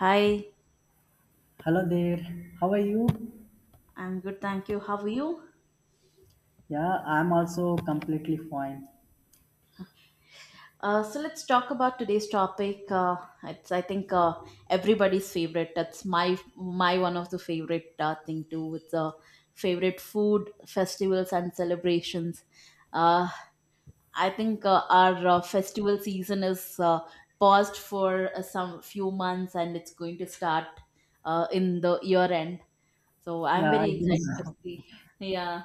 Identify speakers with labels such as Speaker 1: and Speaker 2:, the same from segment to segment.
Speaker 1: Hi,
Speaker 2: Hello there. How are you?
Speaker 1: I'm good, thank you. How are you?
Speaker 2: Yeah, I'm also completely fine.
Speaker 1: So let's talk about today's topic. It's I think everybody's favorite. That's my one of the favorite thing too. It's favorite food, festivals, and celebrations. Uh, I think our festival season is paused for some few months, and it's going to start in the year end. So I'm
Speaker 2: Yeah, I
Speaker 1: very
Speaker 2: think
Speaker 1: excited to
Speaker 2: so.
Speaker 1: see. Yeah,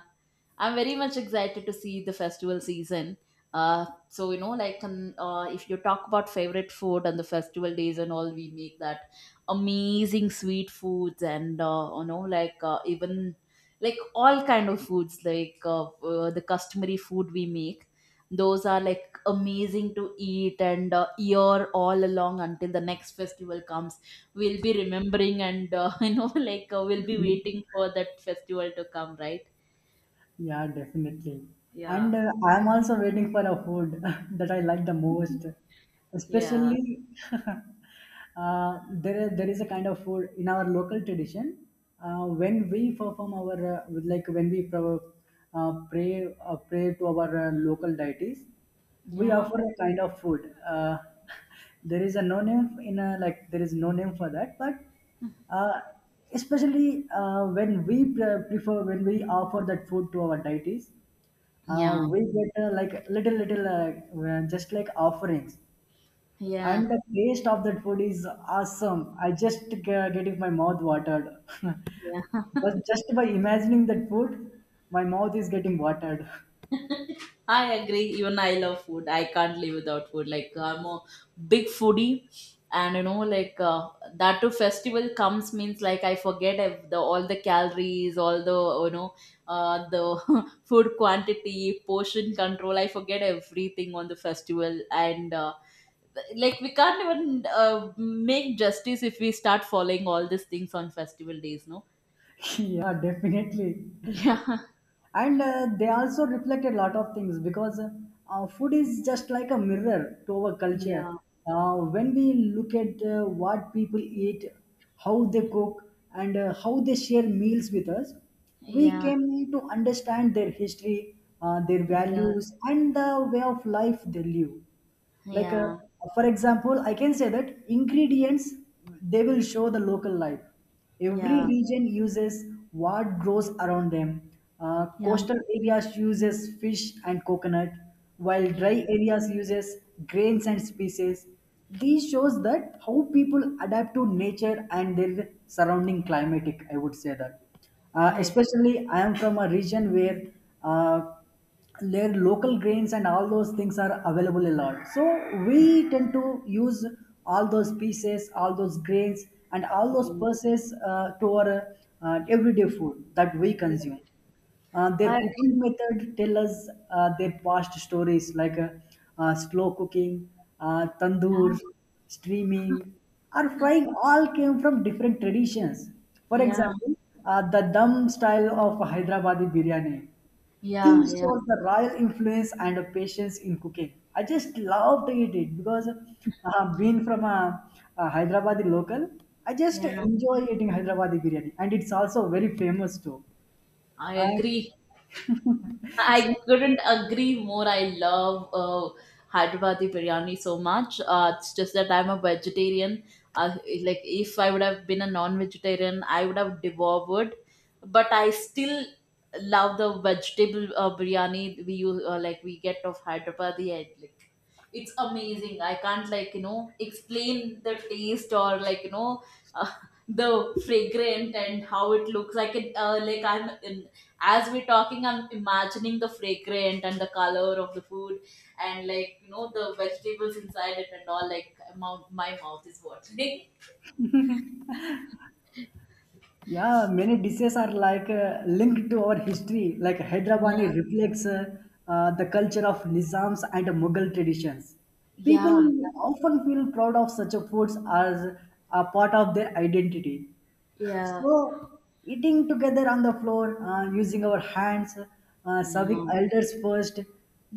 Speaker 1: I'm very much excited to see the festival season. So like if you talk about favorite food and the festival days and all, we make that amazing sweet foods and like even like all kind of foods, like the customary food we make. Those are like amazing to eat, and year all along until the next festival comes, we'll be remembering, and we'll be waiting for that festival to come, right?
Speaker 2: Yeah, definitely.
Speaker 1: Yeah.
Speaker 2: And I'm also waiting for a food that I like the most.
Speaker 1: Yeah.
Speaker 2: Especially, there is a kind of food in our local tradition. When we perform our, when we pray to our local deities, we
Speaker 1: Yeah,
Speaker 2: offer a kind of food. There is a no name in a, like, there is no name for that, but uh, especially when we prefer when we offer that food to our deities,
Speaker 1: yeah,
Speaker 2: we get like little just like offerings,
Speaker 1: yeah,
Speaker 2: and the taste of that food is awesome. I just get it my mouth watered
Speaker 1: yeah.
Speaker 2: but just by imagining that food my mouth is getting watered.
Speaker 1: I agree. Even I love food. I can't live without food. Like, I'm a big foodie, and like that too. Festival comes means like I forget ev- the all the calories, all you know, the food quantity, portion control. I forget everything on the festival, and like we can't even make justice if we start following all these things on festival days, no?
Speaker 2: Yeah, definitely.
Speaker 1: Yeah,
Speaker 2: And they also reflect a lot of things because food is just like a mirror to our culture.
Speaker 1: yeah,
Speaker 2: When we look at what people eat, how they cook, and how they share meals with us, we
Speaker 1: yeah,
Speaker 2: came to understand their history, their
Speaker 1: yeah,
Speaker 2: values, and the way of life they live. Like,
Speaker 1: yeah,
Speaker 2: for example, I can say that ingredients, they will show the local life. Every
Speaker 1: yeah,
Speaker 2: region uses what grows around them.
Speaker 1: yeah,
Speaker 2: Coastal areas uses fish and coconut, while
Speaker 1: yeah.
Speaker 2: dry areas uses grains and species. These shows that how people adapt to nature and their surrounding climatic, I would say that.
Speaker 1: I agree.
Speaker 2: Especially, I am from a region where uh, their local grains and all those things are available a lot, so we tend to use all those pieces, all those grains, and all those pulses to our everyday food that we consume.
Speaker 1: I
Speaker 2: Their cooking
Speaker 1: agree.
Speaker 2: method tell us their past stories, like slow cooking, tandoor,
Speaker 1: Yeah,
Speaker 2: streaming, or frying all came from different traditions. For
Speaker 1: yeah,
Speaker 2: example, the dum style of Hyderabadi biryani,
Speaker 1: yeah,
Speaker 2: these
Speaker 1: yeah,
Speaker 2: shows the royal influence and patience in cooking. I just love to eat it because being from a Hyderabadi local, I just
Speaker 1: yeah.
Speaker 2: enjoy eating Hyderabadi biryani, and it's also very famous too.
Speaker 1: I
Speaker 2: And
Speaker 1: agree.
Speaker 2: so,
Speaker 1: I couldn't agree more. I love Hyderabadi biryani so much. It's just that I'm a vegetarian. Uh, like if I would have been a non-vegetarian, I would have devoured. But I still love the vegetable biryani we use, like we get of Hyderabadi. I, like, it's amazing. I can't, like, explain the taste, or like uh, the fragrant and how it looks. I can, like, I'm in, as we're talking I'm imagining the fragrant and the color of the food, and like the vegetables inside it and all, like my mouth is watering.
Speaker 2: yeah, many dishes are like linked to our history. Like,
Speaker 1: Yeah.
Speaker 2: Hyderabadi reflects the culture of Nizams and Mughal traditions. People
Speaker 1: Yeah.
Speaker 2: often feel proud of such a foods as a part of their identity.
Speaker 1: Yeah.
Speaker 2: So, eating together on the floor, using our hands, serving
Speaker 1: Yeah.
Speaker 2: elders first,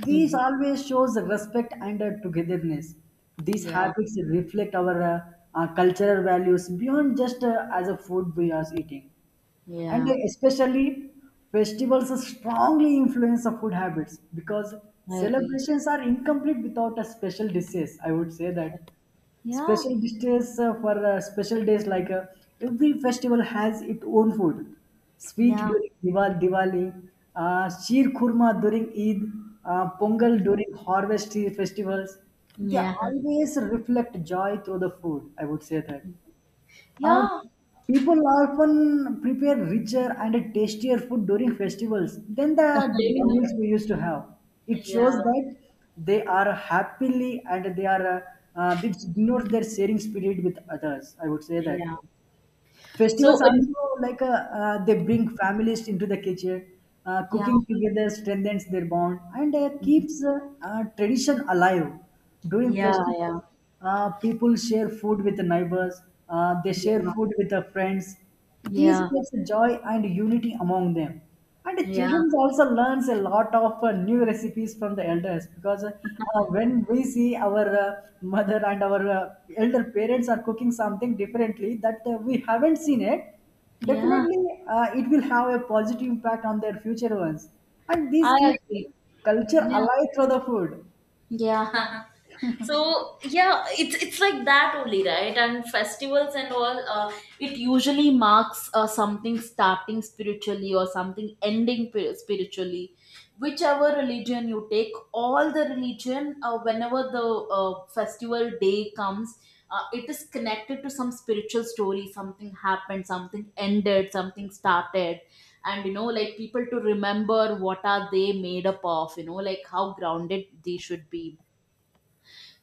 Speaker 2: these
Speaker 1: Hmm.
Speaker 2: always shows respect and togetherness. These
Speaker 1: Yeah.
Speaker 2: habits reflect our cultural values beyond just as a food we are eating. And
Speaker 1: Yeah.
Speaker 2: especially, festivals strongly influence the food habits because
Speaker 1: I agree.
Speaker 2: celebrations are incomplete without a special dishes, I would say that.
Speaker 1: Yeah.
Speaker 2: Special dishes for special days, like every festival has its own food. Sweet
Speaker 1: Yeah.
Speaker 2: during Diwali, sheer kurma during Eid, pongal during harvest festivals. They
Speaker 1: Yeah. Yeah.
Speaker 2: always reflect joy through the food, I would say that. uh, People often prepare richer and tastier food during festivals than the daily
Speaker 1: Yeah.
Speaker 2: meals we used to have. It shows
Speaker 1: Yeah.
Speaker 2: that they are happily and they are it ignores their sharing spirit with others, I would say that.
Speaker 1: Yeah.
Speaker 2: Festivals
Speaker 1: So,
Speaker 2: also, they bring families into the kitchen.
Speaker 1: yeah.
Speaker 2: Cooking together strengthens their bond and keeps
Speaker 1: Mhm.
Speaker 2: tradition alive. During
Speaker 1: Yeah.
Speaker 2: festivals,
Speaker 1: Yeah.
Speaker 2: people share food with the neighbors. They share
Speaker 1: Yeah.
Speaker 2: food with the friends. This
Speaker 1: Yeah.
Speaker 2: creates joy and unity among them. And the
Speaker 1: Yeah.
Speaker 2: children also learns a lot of new recipes from the elders because when we see our mother and our elder parents are cooking something differently that we haven't seen it,
Speaker 1: Yeah.
Speaker 2: definitely it will have a positive impact on their future ones. And this
Speaker 1: I agree.
Speaker 2: keeps culture
Speaker 1: Yeah.
Speaker 2: alive through the food.
Speaker 1: Yeah. So, yeah, it's like that only, right, and festivals and all, it usually marks something starting spiritually, or something ending spiritually. Whichever religion you take, all the religion, whenever the festival day comes, it is connected to some spiritual story, something happened, something ended, something started. And like people to remember what are they made up of, like how grounded they should be.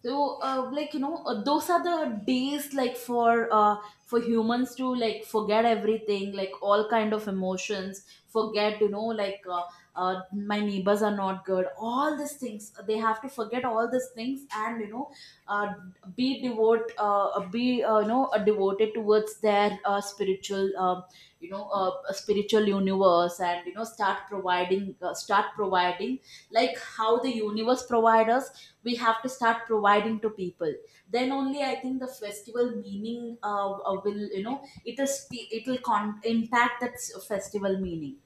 Speaker 1: So like, those are the days, like, for humans to like forget everything, like all kind of emotions, forget, my neighbors are not good, all these things they have to forget, all these things, and uh, be devote be devoted towards their spiritual, spiritual universe, and start providing like how the universe provides us, we have to start providing to people. Then only, I think, the festival meaning, will, it'll st- it'll con- impact that festival meaning.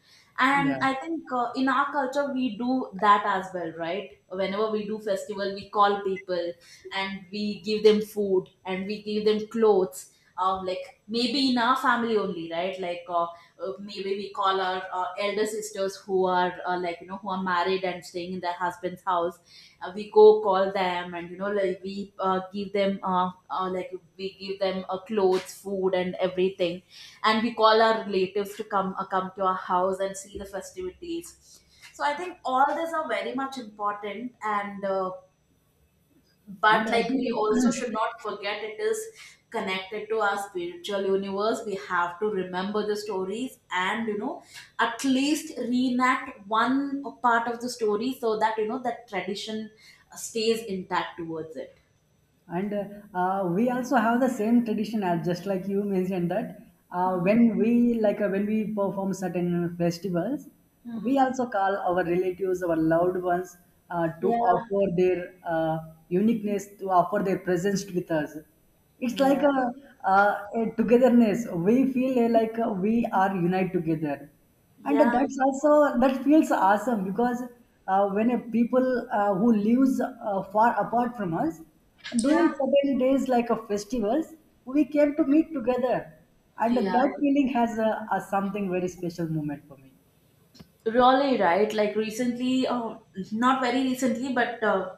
Speaker 2: Yeah.
Speaker 1: And I think, in our culture we do that as well, right? Whenever we do festival, we call people, and we give them food, and we give them clothes. Like maybe in our family only, right, like, maybe we call our elder sisters who are, like, who are married and staying in their husband's house. We go call them, and like we give them clothes, food, and everything. And we call our relatives to come to our house and see the festivities. So I think all these are very much important, and
Speaker 2: And
Speaker 1: but
Speaker 2: I
Speaker 1: like
Speaker 2: think
Speaker 1: we also should not forget it is connected to our spiritual universe. We have to remember the stories, and at least reenact one part of the story, so that you know that tradition stays intact towards it.
Speaker 2: and we also have the same tradition, as just like you mentioned that,
Speaker 1: Mm-hmm.
Speaker 2: when we when we perform certain festivals,
Speaker 1: Mm-hmm.
Speaker 2: we also call our relatives, our loved ones, to
Speaker 1: Yeah,
Speaker 2: offer their uniqueness, to offer their presence with us. It's like
Speaker 1: yeah,
Speaker 2: a togetherness we feel, like we are united together, and
Speaker 1: yeah.
Speaker 2: that's also that feels awesome because when a people who lives far apart from us during
Speaker 1: Yeah.
Speaker 2: certain days like a festivals, we came to meet together, and
Speaker 1: Yeah.
Speaker 2: that feeling has a something very special moment for me.
Speaker 1: Really, right? Like, recently, oh, not very recently, but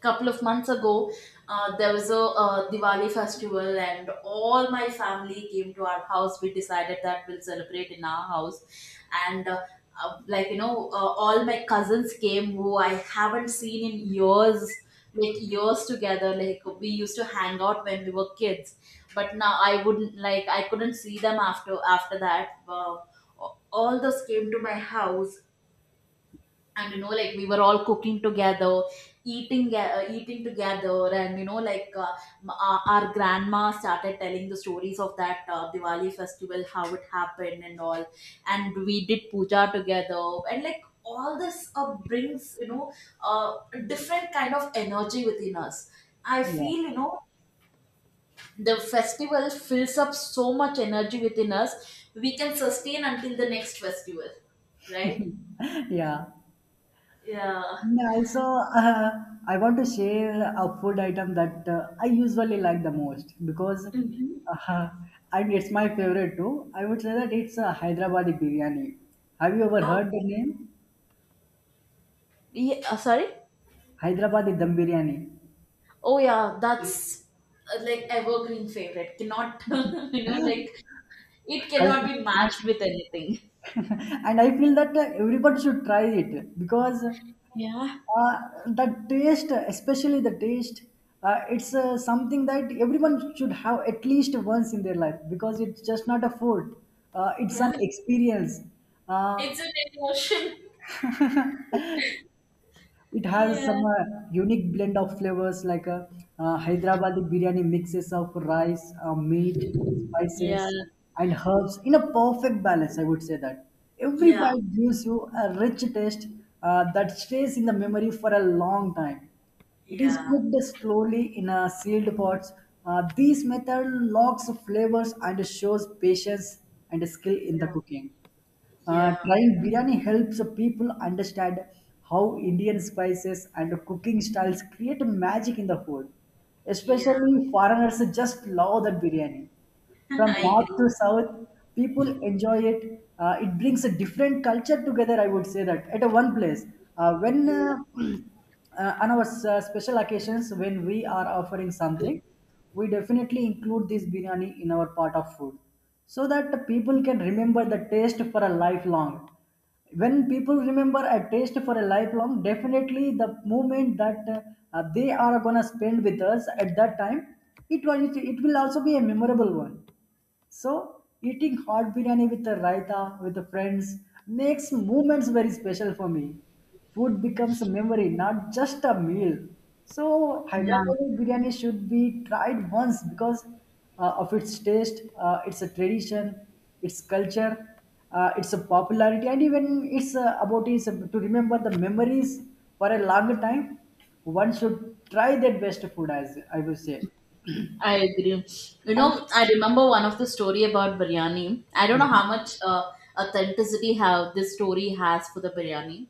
Speaker 1: couple of months ago, there was a, Diwali festival, and all my family came to our house. We decided that we'll celebrate in our house, and like, all my cousins came, who I haven't seen in years, like years together. Like, we used to hang out when we were kids, but now I wouldn't like I couldn't see them after that. All those came to my house, and like we were all cooking together, eating together, and our grandma started telling the stories of that Diwali festival, how it happened and all. And we did puja together, and like all this brings, a different kind of energy within us, I
Speaker 2: Yeah.
Speaker 1: feel. The festival fills up so much energy within us, we can sustain until the next festival, right?
Speaker 2: Yeah.
Speaker 1: Yeah.
Speaker 2: Yeah, also, uh, I want to share a food item that I usually like the most because,
Speaker 1: Mhm.
Speaker 2: uh, and it's my favorite too. I would say that it's a Hyderabadi biryani. Have you ever
Speaker 1: Oh.
Speaker 2: heard the name?
Speaker 1: Yeah, sorry.
Speaker 2: Hyderabadi dum biryani.
Speaker 1: Oh, yeah, that's like evergreen favorite. Cannot, like, it
Speaker 2: I,
Speaker 1: cannot be
Speaker 2: I,
Speaker 1: matched with anything.
Speaker 2: and I feel that everybody should try it because
Speaker 1: Yeah.
Speaker 2: Uh, the taste, especially the taste, it's something that everyone should have at least once in their life because it's just not a food. It's
Speaker 1: Yeah.
Speaker 2: an experience. Uh,
Speaker 1: It's an emotion.
Speaker 2: It has
Speaker 1: Yeah.
Speaker 2: some unique blend of flavors, like a Hyderabadi biryani mixes of rice, meat,
Speaker 1: Yeah.
Speaker 2: spices, and herbs in a perfect balance. I would say that every
Speaker 1: Yeah,
Speaker 2: bite gives you a rich taste that stays in the memory for a long time. It is
Speaker 1: yeah,
Speaker 2: cooked slowly in a sealed pots. This method locks flavors and shows patience and skill in the
Speaker 1: yeah,
Speaker 2: cooking.
Speaker 1: yeah,
Speaker 2: Trying biryani helps people understand how Indian spices and cooking styles create magic in the food.
Speaker 1: yeah.
Speaker 2: Especially foreigners just love that biryani. From
Speaker 1: I
Speaker 2: north
Speaker 1: agree.
Speaker 2: to south, people enjoy it. It brings a different culture together, I would say that, at a one place. When
Speaker 1: Yeah.
Speaker 2: on our special occasions, when we are offering something, we definitely include this biryani in our part of food so that people can remember the taste for a lifelong. When people remember a taste for a lifelong, definitely the moment that they are gonna spend with us at that time, it will also be a memorable one. So eating hot biryani with a raita with the friends makes moments very special for me. Food becomes a memory, not just a meal. So
Speaker 1: Yeah,
Speaker 2: Hyderabad biryani should be tried once because of its taste, it's a tradition, its culture, its a popularity, and even it's about is to remember the memories for a long time. One should try their best food, as I would say.
Speaker 1: I agree. You
Speaker 2: And
Speaker 1: know, I remember one of the story about biryani. I don't know how much authenticity how this story has for the biryani.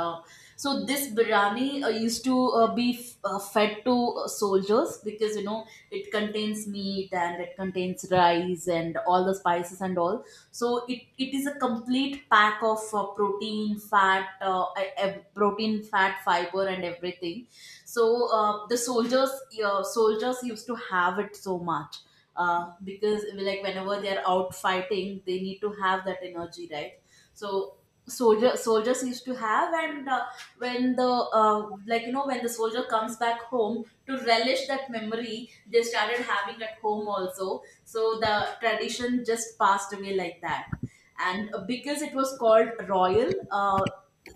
Speaker 1: Uh, so this biryani used to be fed to soldiers, because it contains meat and it contains rice and all the spices and all. So it is a complete pack of protein, fat, fiber and everything. So the soldiers used to have it so much, because like whenever they are out fighting they need to have that energy, right? So soldiers used to have, and when the like you know when the soldier comes back home, to relish that memory they started having at home also, so the tradition just passed away like that. And because it was called royal,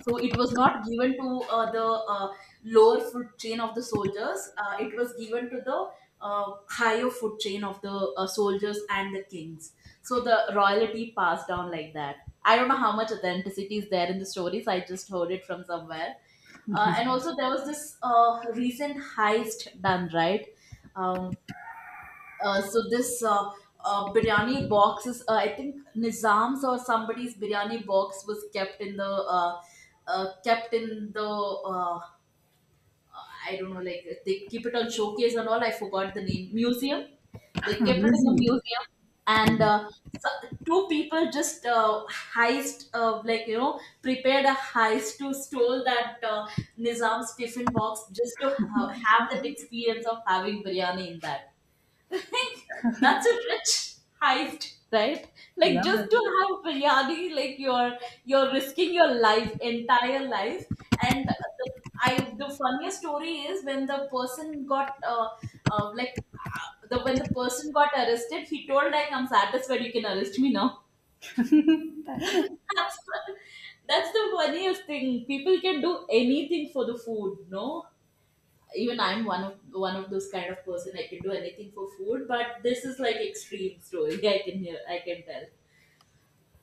Speaker 1: so it was not given to the lower food chain of the soldiers, it was given to the higher food chain of the soldiers and the kings. So the royalty passed down like that. I don't know how much authenticity is there in the stories. I just heard it from somewhere. And also, there was this recent heist done, right? Um, so this, biryani box is, I think, Nizam's or somebody's biryani box was kept in the I don't know, like they keep it on showcase and all. I forgot the name. Museum. They kept it in the
Speaker 2: amazing,
Speaker 1: museum, and so two people just, heist, prepared a heist to stole that Nizam's tiffin box just to have that experience of having biryani in that. That's a rich heist, right?
Speaker 2: yeah.
Speaker 1: Like, just to have biryani, like you're risking your life, entire life. And the, I the funniest story is when the person got, like the when the person got arrested, he told, like, I'm satisfied, you can arrest me now. That's that's the funniest thing. People can do anything for the food, no? Even I'm one of those kind of person. I can do anything for food, but this is like extreme story. I can hear, I can tell.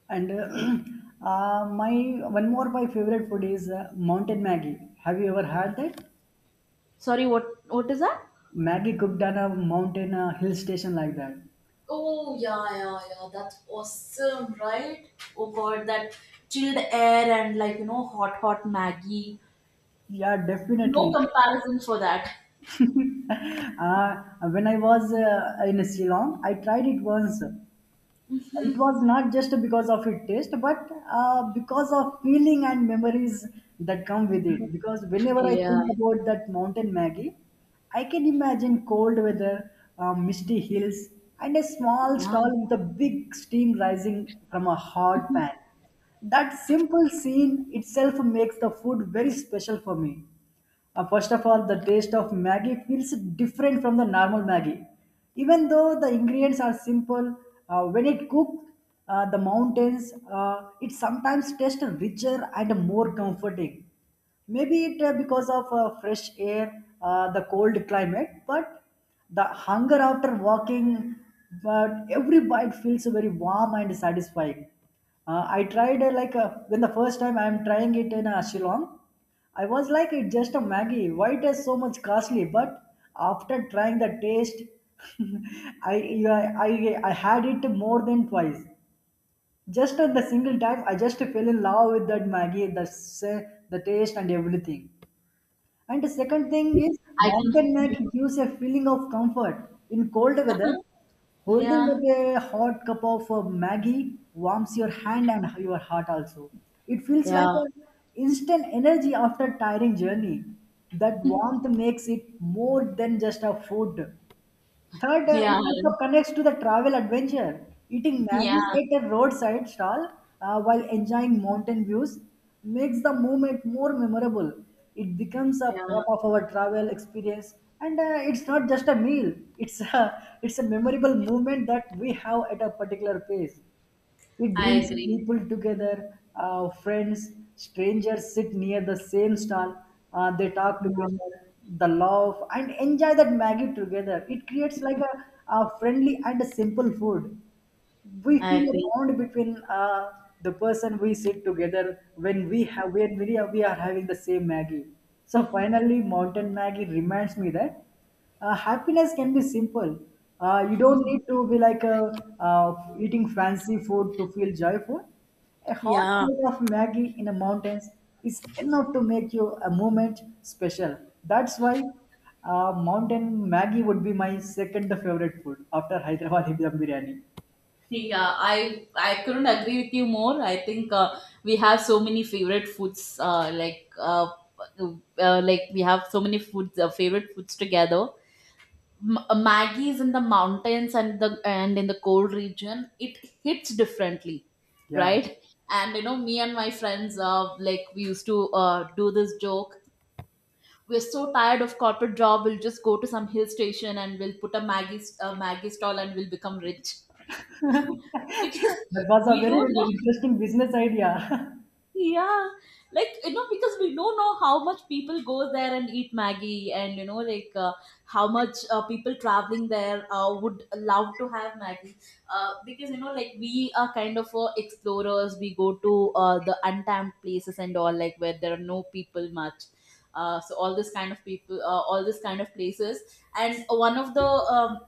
Speaker 2: And my one more my favorite food is mountain Maggie. Have you ever had that?
Speaker 1: Sorry, what is that?
Speaker 2: Maggie cooked on a mountain, a hill station like that.
Speaker 1: Oh yeah, yeah, yeah. That's awesome, right? Oh god, that chilled air, and like hot, hot Maggie.
Speaker 2: Yeah,
Speaker 1: No
Speaker 2: definitely.
Speaker 1: comparison for that.
Speaker 2: uh, when I was in Sri Lanka, I tried it once. It was not just because of its taste but because of feeling and memories that come with it, because whenever I
Speaker 1: Yeah,
Speaker 2: think about that mountain Maggie, I can imagine cold weather, misty hills, and a small
Speaker 1: yeah.
Speaker 2: stall with a big steam rising from a hot pan. That simple scene itself makes the food very special for me. First of all, the taste of Maggi feels different from the normal Maggi. Even though the ingredients are simple, when it cooked, the mountains, it sometimes tastes richer and more comforting. Maybe it because of fresh air, the cold climate, but the hunger after walking, but every bite feels very warm and satisfying. I tried when the first time I'm trying it in Shillong, I was like it's just a Maggie. Why it is so much costly? But after trying the taste, I, I had it more than twice. Just at the single time, I just fell in love with that Maggie, the taste and everything. And the second thing is
Speaker 1: I can.
Speaker 2: mountain neck gives a feeling of comfort. In cold weather, holding
Speaker 1: Yeah.
Speaker 2: up a hot cup of Maggie warms your hand and your heart also. It feels like
Speaker 1: Yeah,
Speaker 2: an instant energy after tiring journey. That warmth makes it more than just a food. Third, it
Speaker 1: yeah,
Speaker 2: also connects to the travel adventure. Eating
Speaker 1: yeah,
Speaker 2: Maggie at a roadside stall while enjoying mountain views makes the moment more memorable. It becomes a
Speaker 1: yeah.
Speaker 2: part of our travel experience, and it's not just a meal. It's a it's a memorable moment that we have at a particular place. It
Speaker 1: I
Speaker 2: brings
Speaker 1: agree.
Speaker 2: people together. Friends, strangers sit near the same stall. They talk
Speaker 1: Yeah.
Speaker 2: together, the love, and enjoy that Maggie together. It creates like a friendly and a simple food. We
Speaker 1: I
Speaker 2: feel a
Speaker 1: agree.
Speaker 2: bond between the person we sit together when we have when we are having the same maggie. So finally mountain maggie reminds me that happiness can be simple. Uh, you don't need to be like a, uh, eating fancy food to feel joyful. A hot
Speaker 1: Yeah.
Speaker 2: plate of maggie in the mountains is enough to make you a moment special. That's why mountain maggie would be my second favorite food after hyderabad Dum biryani.
Speaker 1: Yeah, I couldn't agree with you more. I think we have so many favorite foods. Like we have so many foods, favorite foods together. Maggie is in the mountains and the and in the cold region. It hits differently,
Speaker 2: Yeah,
Speaker 1: right? And me and my friends, like we used to do this joke. We're so tired of corporate job. We'll just go to some hill station and we'll put a a Maggie stall and we'll become rich. Because
Speaker 2: that was a
Speaker 1: we
Speaker 2: very
Speaker 1: don't know.
Speaker 2: interesting business idea.
Speaker 1: Yeah. Like, because we don't know how much people go there and eat Maggie. And like, how much people traveling there would love to have Maggie. Because like, we are kind of explorers. We go to the untapped places and all, like where there are no people much. So all this kind of people, all this kind of places. And one of the— um,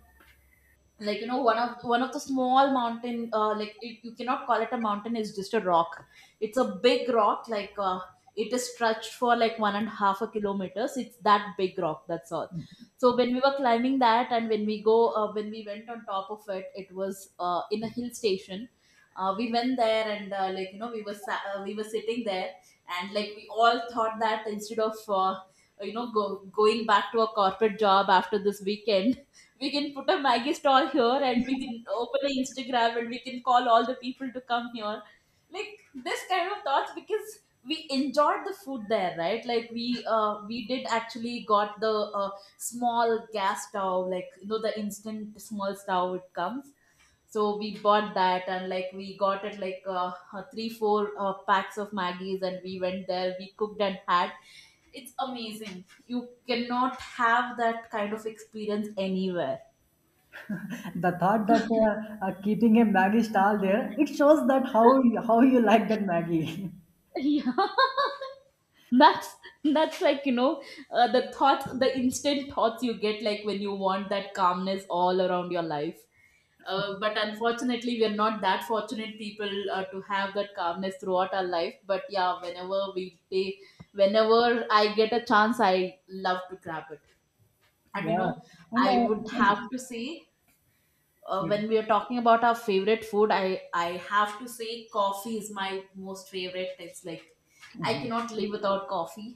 Speaker 1: like, one of the small mountain. Like, it— you cannot call it a mountain, it's just a rock. It's a big rock, like. It is stretched for like one and a half a kilometers, it's that big rock, that's all. So when we were climbing that, and when we went on top of it, it was in a hill station. We went there and like, we were sitting there. And like, we all thought that instead of going back to a corporate job after this weekend, we can put a Maggie stall here, and we can open an Instagram, and we can call all the people to come here. Like, this kind of thoughts, because we enjoyed the food there, right? Like, we did actually got the small gas stove, like, the instant small stove it comes. So we bought that, and like, we got it like three four packs of Maggies, and we went there. We cooked and had— it's amazing. You cannot have that kind of experience anywhere.
Speaker 2: The thought that keeping a Maggie stall there, it shows that how you like that Maggie.
Speaker 1: Yeah. that's that's like, the instant thoughts you get, like, when you want that calmness all around your life. But unfortunately we are not that fortunate people to have that calmness throughout our life. But yeah, whenever we take whenever I get a chance, I love to grab it. And
Speaker 2: Yeah, and
Speaker 1: I would have to say,
Speaker 2: yeah.
Speaker 1: when we are talking about our favorite food, I have to say coffee is my most favorite. It's like— I cannot live without coffee.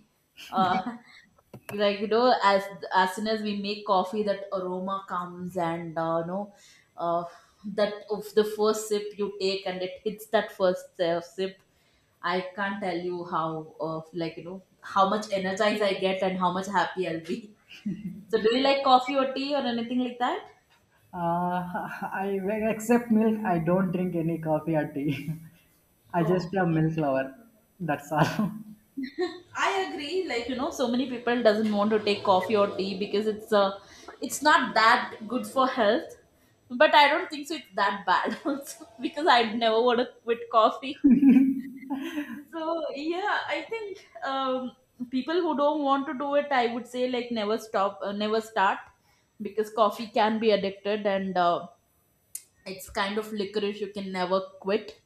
Speaker 1: uh, like, as soon as we make coffee, that aroma comes. And uh, that of the first sip you take, and it hits that first sip. I can't tell you how— like, how much energized I get, and how much happy I'll be. So do you like coffee or tea or anything like that?
Speaker 2: I accept milk. I don't drink any coffee or tea. I just
Speaker 1: Oh.
Speaker 2: a milk lover. That's all.
Speaker 1: I agree. Like, so many people doesn't want to take coffee or tea because it's not that good for health. But I don't think so. It's that bad, also, because I never want to quit coffee. So yeah, I think um, people who don't want to do it, I would say like, never stop, never start, because coffee can be addicted, and it's kind of licorice. You can never quit.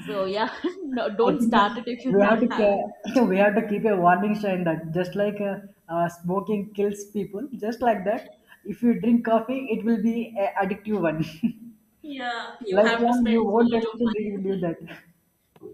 Speaker 1: So yeah, no,
Speaker 2: I
Speaker 1: don't
Speaker 2: think
Speaker 1: start it if you're
Speaker 2: we have
Speaker 1: not
Speaker 2: to
Speaker 1: having.
Speaker 2: we have to keep a warning sign that just like smoking kills people, just like that. If you drink coffee, it will be a addictive one.
Speaker 1: Yeah, you have to
Speaker 2: Lifelong, you
Speaker 1: spend so
Speaker 2: won't be
Speaker 1: much of
Speaker 2: able to live
Speaker 1: money.
Speaker 2: that.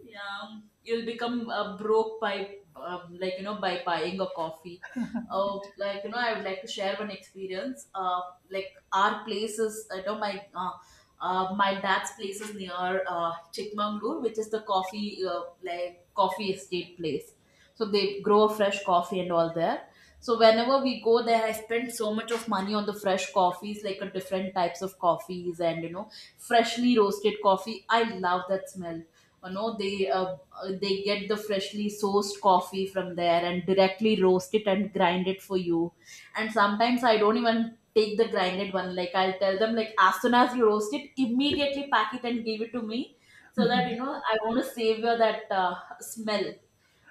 Speaker 1: Yeah, you'll become broke by— like, by buying a coffee. Oh, like, I would like to share one experience. Like, our place is— my dad's place is near Chikmagalur, which is the coffee— like, coffee estate place. So they grow a fresh coffee and all there. So whenever we go there, I spend so much of money on the fresh coffees, like, a different types of coffees. And freshly roasted coffee, I love that smell. They they get the freshly sourced coffee from there, and directly roast it and grind it for you. And sometimes I don't even take the grinded one. Like, I'll tell them like, as soon as you roast it, immediately pack it and give it to me. So that I want to savor that smell.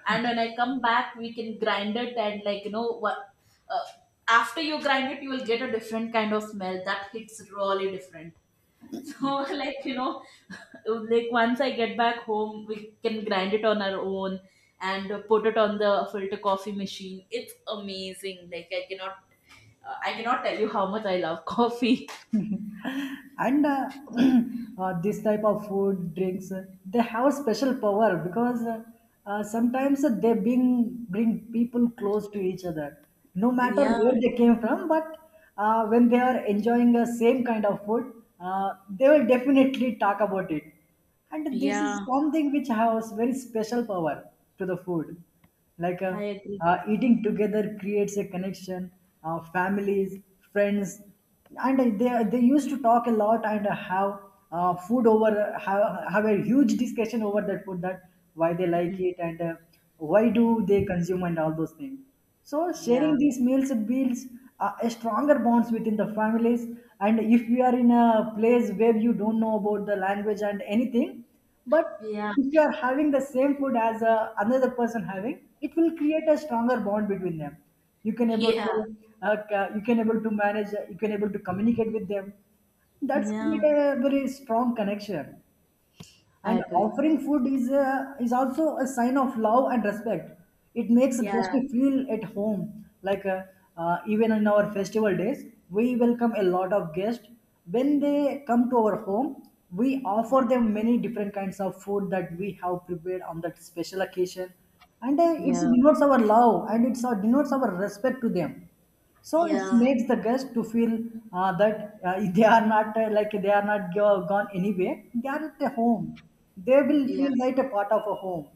Speaker 1: And when I come back, we can grind it. And like, you know what, uh, after you grind it, you will get a different kind of smell that hits really different. So like, like, once I get back home, we can grind it on our own. And put it on the filter coffee machine. It's amazing, like, I cannot— I cannot tell you how much I love coffee.
Speaker 2: And this type of food drinks they have a special power because sometimes they bring people close to each other, no matter
Speaker 1: Yeah,
Speaker 2: where they came from. But when they are enjoying the same kind of food, uh, they will definitely talk about it, and this is
Speaker 1: yeah,
Speaker 2: something which has very special power to the food. Like
Speaker 1: I agree.
Speaker 2: eating together creates a connection. Families, friends, and uh, they used to talk a lot and have uh, food over have, have a huge discussion over that food, that why they like
Speaker 1: Mhm.
Speaker 2: it, and why do they consume and all those things. So
Speaker 1: Yeah,
Speaker 2: sharing these meals builds a stronger bonds within the families. And if you are in a place where you don't know about the language and anything, but
Speaker 1: yeah,
Speaker 2: if you are having the same food as another person having, it will create a stronger bond between them. You can able to
Speaker 1: yeah,
Speaker 2: you can able to manage, you can able to communicate with them. That's create
Speaker 1: yeah,
Speaker 2: a very strong connection.
Speaker 1: I
Speaker 2: And
Speaker 1: agree.
Speaker 2: offering food is is also a sign of love and respect. It makes guests
Speaker 1: Yeah,
Speaker 2: to feel at home. Like even in our festival days, we welcome a lot of guests. When they come to our home, we offer them many different kinds of food that we have prepared on that special occasion, and it
Speaker 1: yeah.
Speaker 2: denotes our love and it denotes our respect to them. So it
Speaker 1: Yeah,
Speaker 2: makes the guest to feel that they are not like they are not gone anywhere. They are at a home. They will
Speaker 1: yeah,
Speaker 2: feel like a part of a home.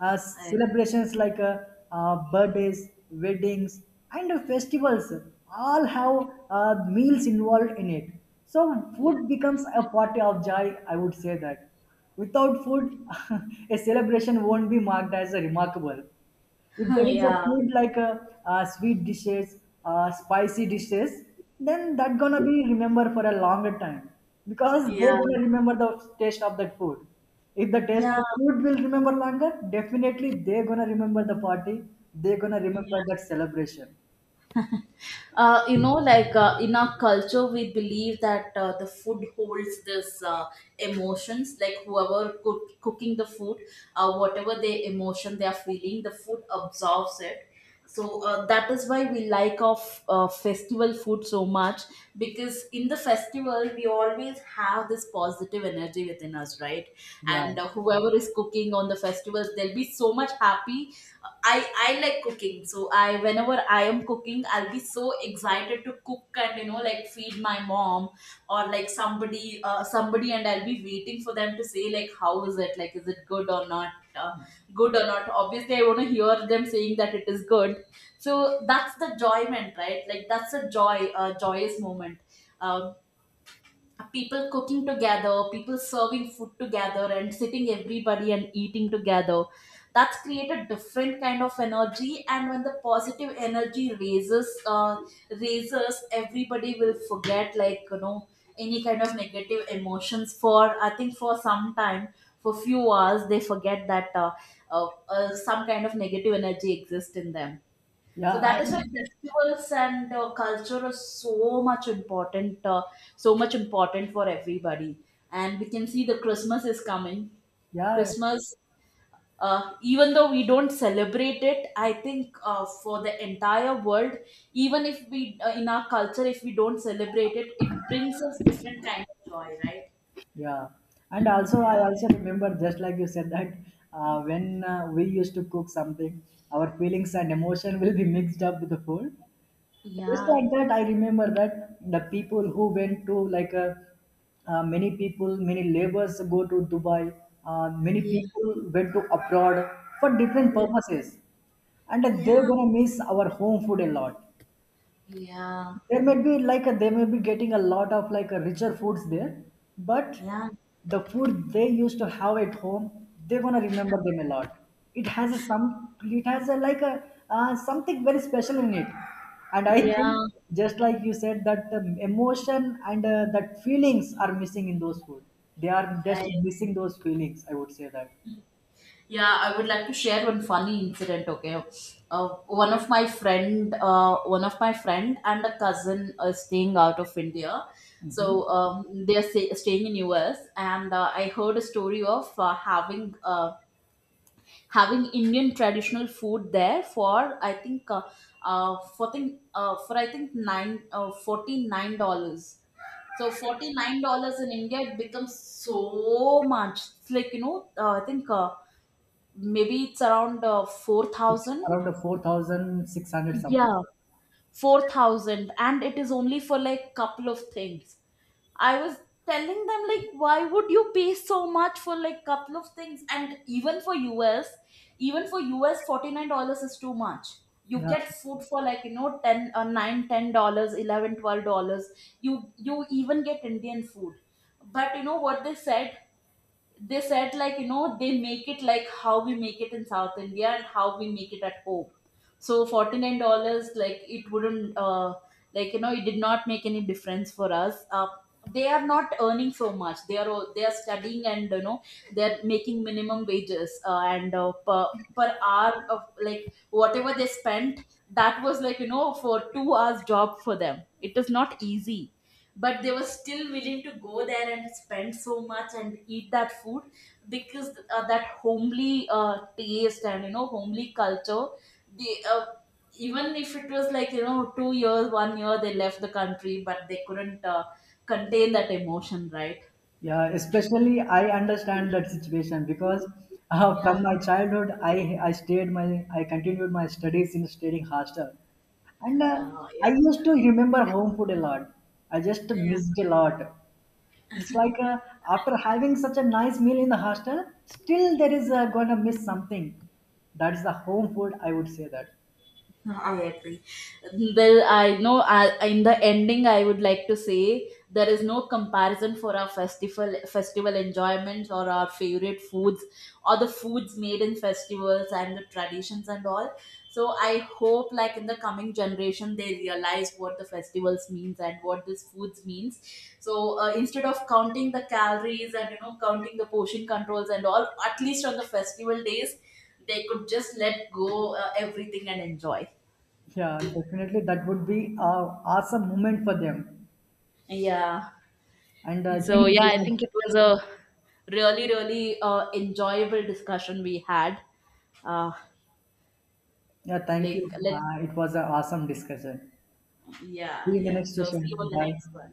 Speaker 1: I agree.
Speaker 2: Celebrations like birthdays, weddings, and festivals all have meals involved in it. So
Speaker 1: Yeah.
Speaker 2: food becomes a party of joy. I would say that without food, a celebration won't be marked as a remarkable. If there is a
Speaker 1: Yeah,
Speaker 2: food like uh, sweet dishes, spicy dishes, then that gonna be remember for a longer time, because they're
Speaker 1: yeah,
Speaker 2: gonna remember the taste of that food. If the taste
Speaker 1: yeah,
Speaker 2: of food will remember longer, definitely they're gonna remember the party. They're gonna remember
Speaker 1: yeah.
Speaker 2: that celebration.
Speaker 1: Like, in our culture we believe that the food holds this— emotions. Like, whoever cooking the food, whatever the emotion they are feeling, the food absorbs it. So that is why we like of festival food so much, because in the festival we always have this positive energy within us, right?
Speaker 2: Yeah,
Speaker 1: And whoever is cooking on the festivals, they'll be so much happy. I like cooking, so I— whenever I am cooking, I'll be so excited to cook and like, feed my mom, or like, somebody, and I'll be waiting for them to say like, how is it, like, is it good or not? Good or not, obviously I want to hear them saying that it is good. So that's the joyment, right? Like, that's a joyous moment. Uh, People cooking together, people serving food together, and sitting everybody and eating together. That's created different kind of energy, and when the positive energy raises, everybody will forget like, any kind of negative emotions. For I think for some time, for few hours, they forget that— uh, some kind of negative energy exists in them.
Speaker 2: yeah,
Speaker 1: So that is why festivals and culture is so much important for everybody. And we can see the Christmas is coming.
Speaker 2: yeah,
Speaker 1: Christmas, even though we don't celebrate it, I think for the entire world, even if we in our culture, if we don't celebrate it, it brings us different kind of joy, right?
Speaker 2: yeah. And also,
Speaker 1: Yeah.
Speaker 2: I also remember, just like you said, that when we used to cook something, our feelings and emotion will be mixed up with the food. Just
Speaker 1: Yeah.
Speaker 2: like that, I remember that the people who went to like a many people, many laborers go to dubai. Uh, many
Speaker 1: Yeah.
Speaker 2: people went to abroad for different
Speaker 1: Yeah.
Speaker 2: purposes, and they're
Speaker 1: Yeah.
Speaker 2: gonna miss our home food a lot.
Speaker 1: Yeah.
Speaker 2: There might be like they may be getting a lot of like a richer foods there, but
Speaker 1: Yeah.
Speaker 2: the food they used to have at home, they're gonna remember them a lot. It has a some, it has a like a something very special in it. And I
Speaker 1: Yeah.
Speaker 2: think, just like you said, that the emotion and that feelings are missing in those food. They are just
Speaker 1: I
Speaker 2: missing those feelings, I would say that.
Speaker 1: Yeah, I would like to share one funny incident. Okay. One of one of my friend and a cousin are staying out of India,
Speaker 2: Hmm.
Speaker 1: so they are staying in US. And I heard a story of having Indian traditional food there, for I think for think for I think nine $49. So $49 in India, it becomes so much. It's like, I think. Maybe it's around
Speaker 2: It's
Speaker 1: 4,000.
Speaker 2: around the 4600 something.
Speaker 1: Yeah. 4,000, and it is only for like, couple of things. I was telling them like, why would you pay so much for like, couple of things? And us even for us, 49 dollars is too much. You
Speaker 2: Yeah.
Speaker 1: get food for like, 10— 9, $10, 11, $12. You even get Indian food. But you know what they said? They said like, they make it like how we make it in South India, and how we make it at home. So 49 dollars, like, it wouldn't— like, it did not make any difference for us. They are not earning so much, they are they are studying. And they're making minimum wages, and per hour of like, whatever they spent, that was like, for 2 hours job for them, it is not easy. But they were still willing to go there and spend so much and eat that food, because that homely taste, and homely culture, they— even if it was like, 2 years, one year they left the country, but they couldn't contain that emotion, right?
Speaker 2: Yeah, especially I understand that situation, because from
Speaker 1: Yeah.
Speaker 2: my childhood I stayed my, I continued my studies in staying hostel, and
Speaker 1: Yeah.
Speaker 2: I used to remember home food a lot. I just
Speaker 1: Yeah.
Speaker 2: missed a lot. It's like after having such a nice meal in the hostel, still there is gonna miss something. That's the home food, I would say that.
Speaker 1: No, I agree. Well, I know in the ending, I would like to say there is no comparison for our festival enjoyments, or our favorite foods, or the foods made in festivals, and the traditions and all. So I hope, like, in the coming generation, they realize what the festivals means and what this foods means. So instead of counting the calories and counting the portion controls and all, at least on the festival days, they could just let go everything and enjoy.
Speaker 2: Yeah, definitely that would be a awesome moment for them.
Speaker 1: Yeah.
Speaker 2: And I
Speaker 1: So
Speaker 2: think
Speaker 1: yeah, I
Speaker 2: yeah,
Speaker 1: think it was a really, really enjoyable discussion we had. Uh,
Speaker 2: yeah, thank
Speaker 1: like,
Speaker 2: you.
Speaker 1: let—
Speaker 2: It was an awesome discussion.
Speaker 1: yeah,
Speaker 2: See you in the
Speaker 1: yeah.
Speaker 2: next
Speaker 1: So see you
Speaker 2: session.
Speaker 1: on the
Speaker 2: Bye.
Speaker 1: next one.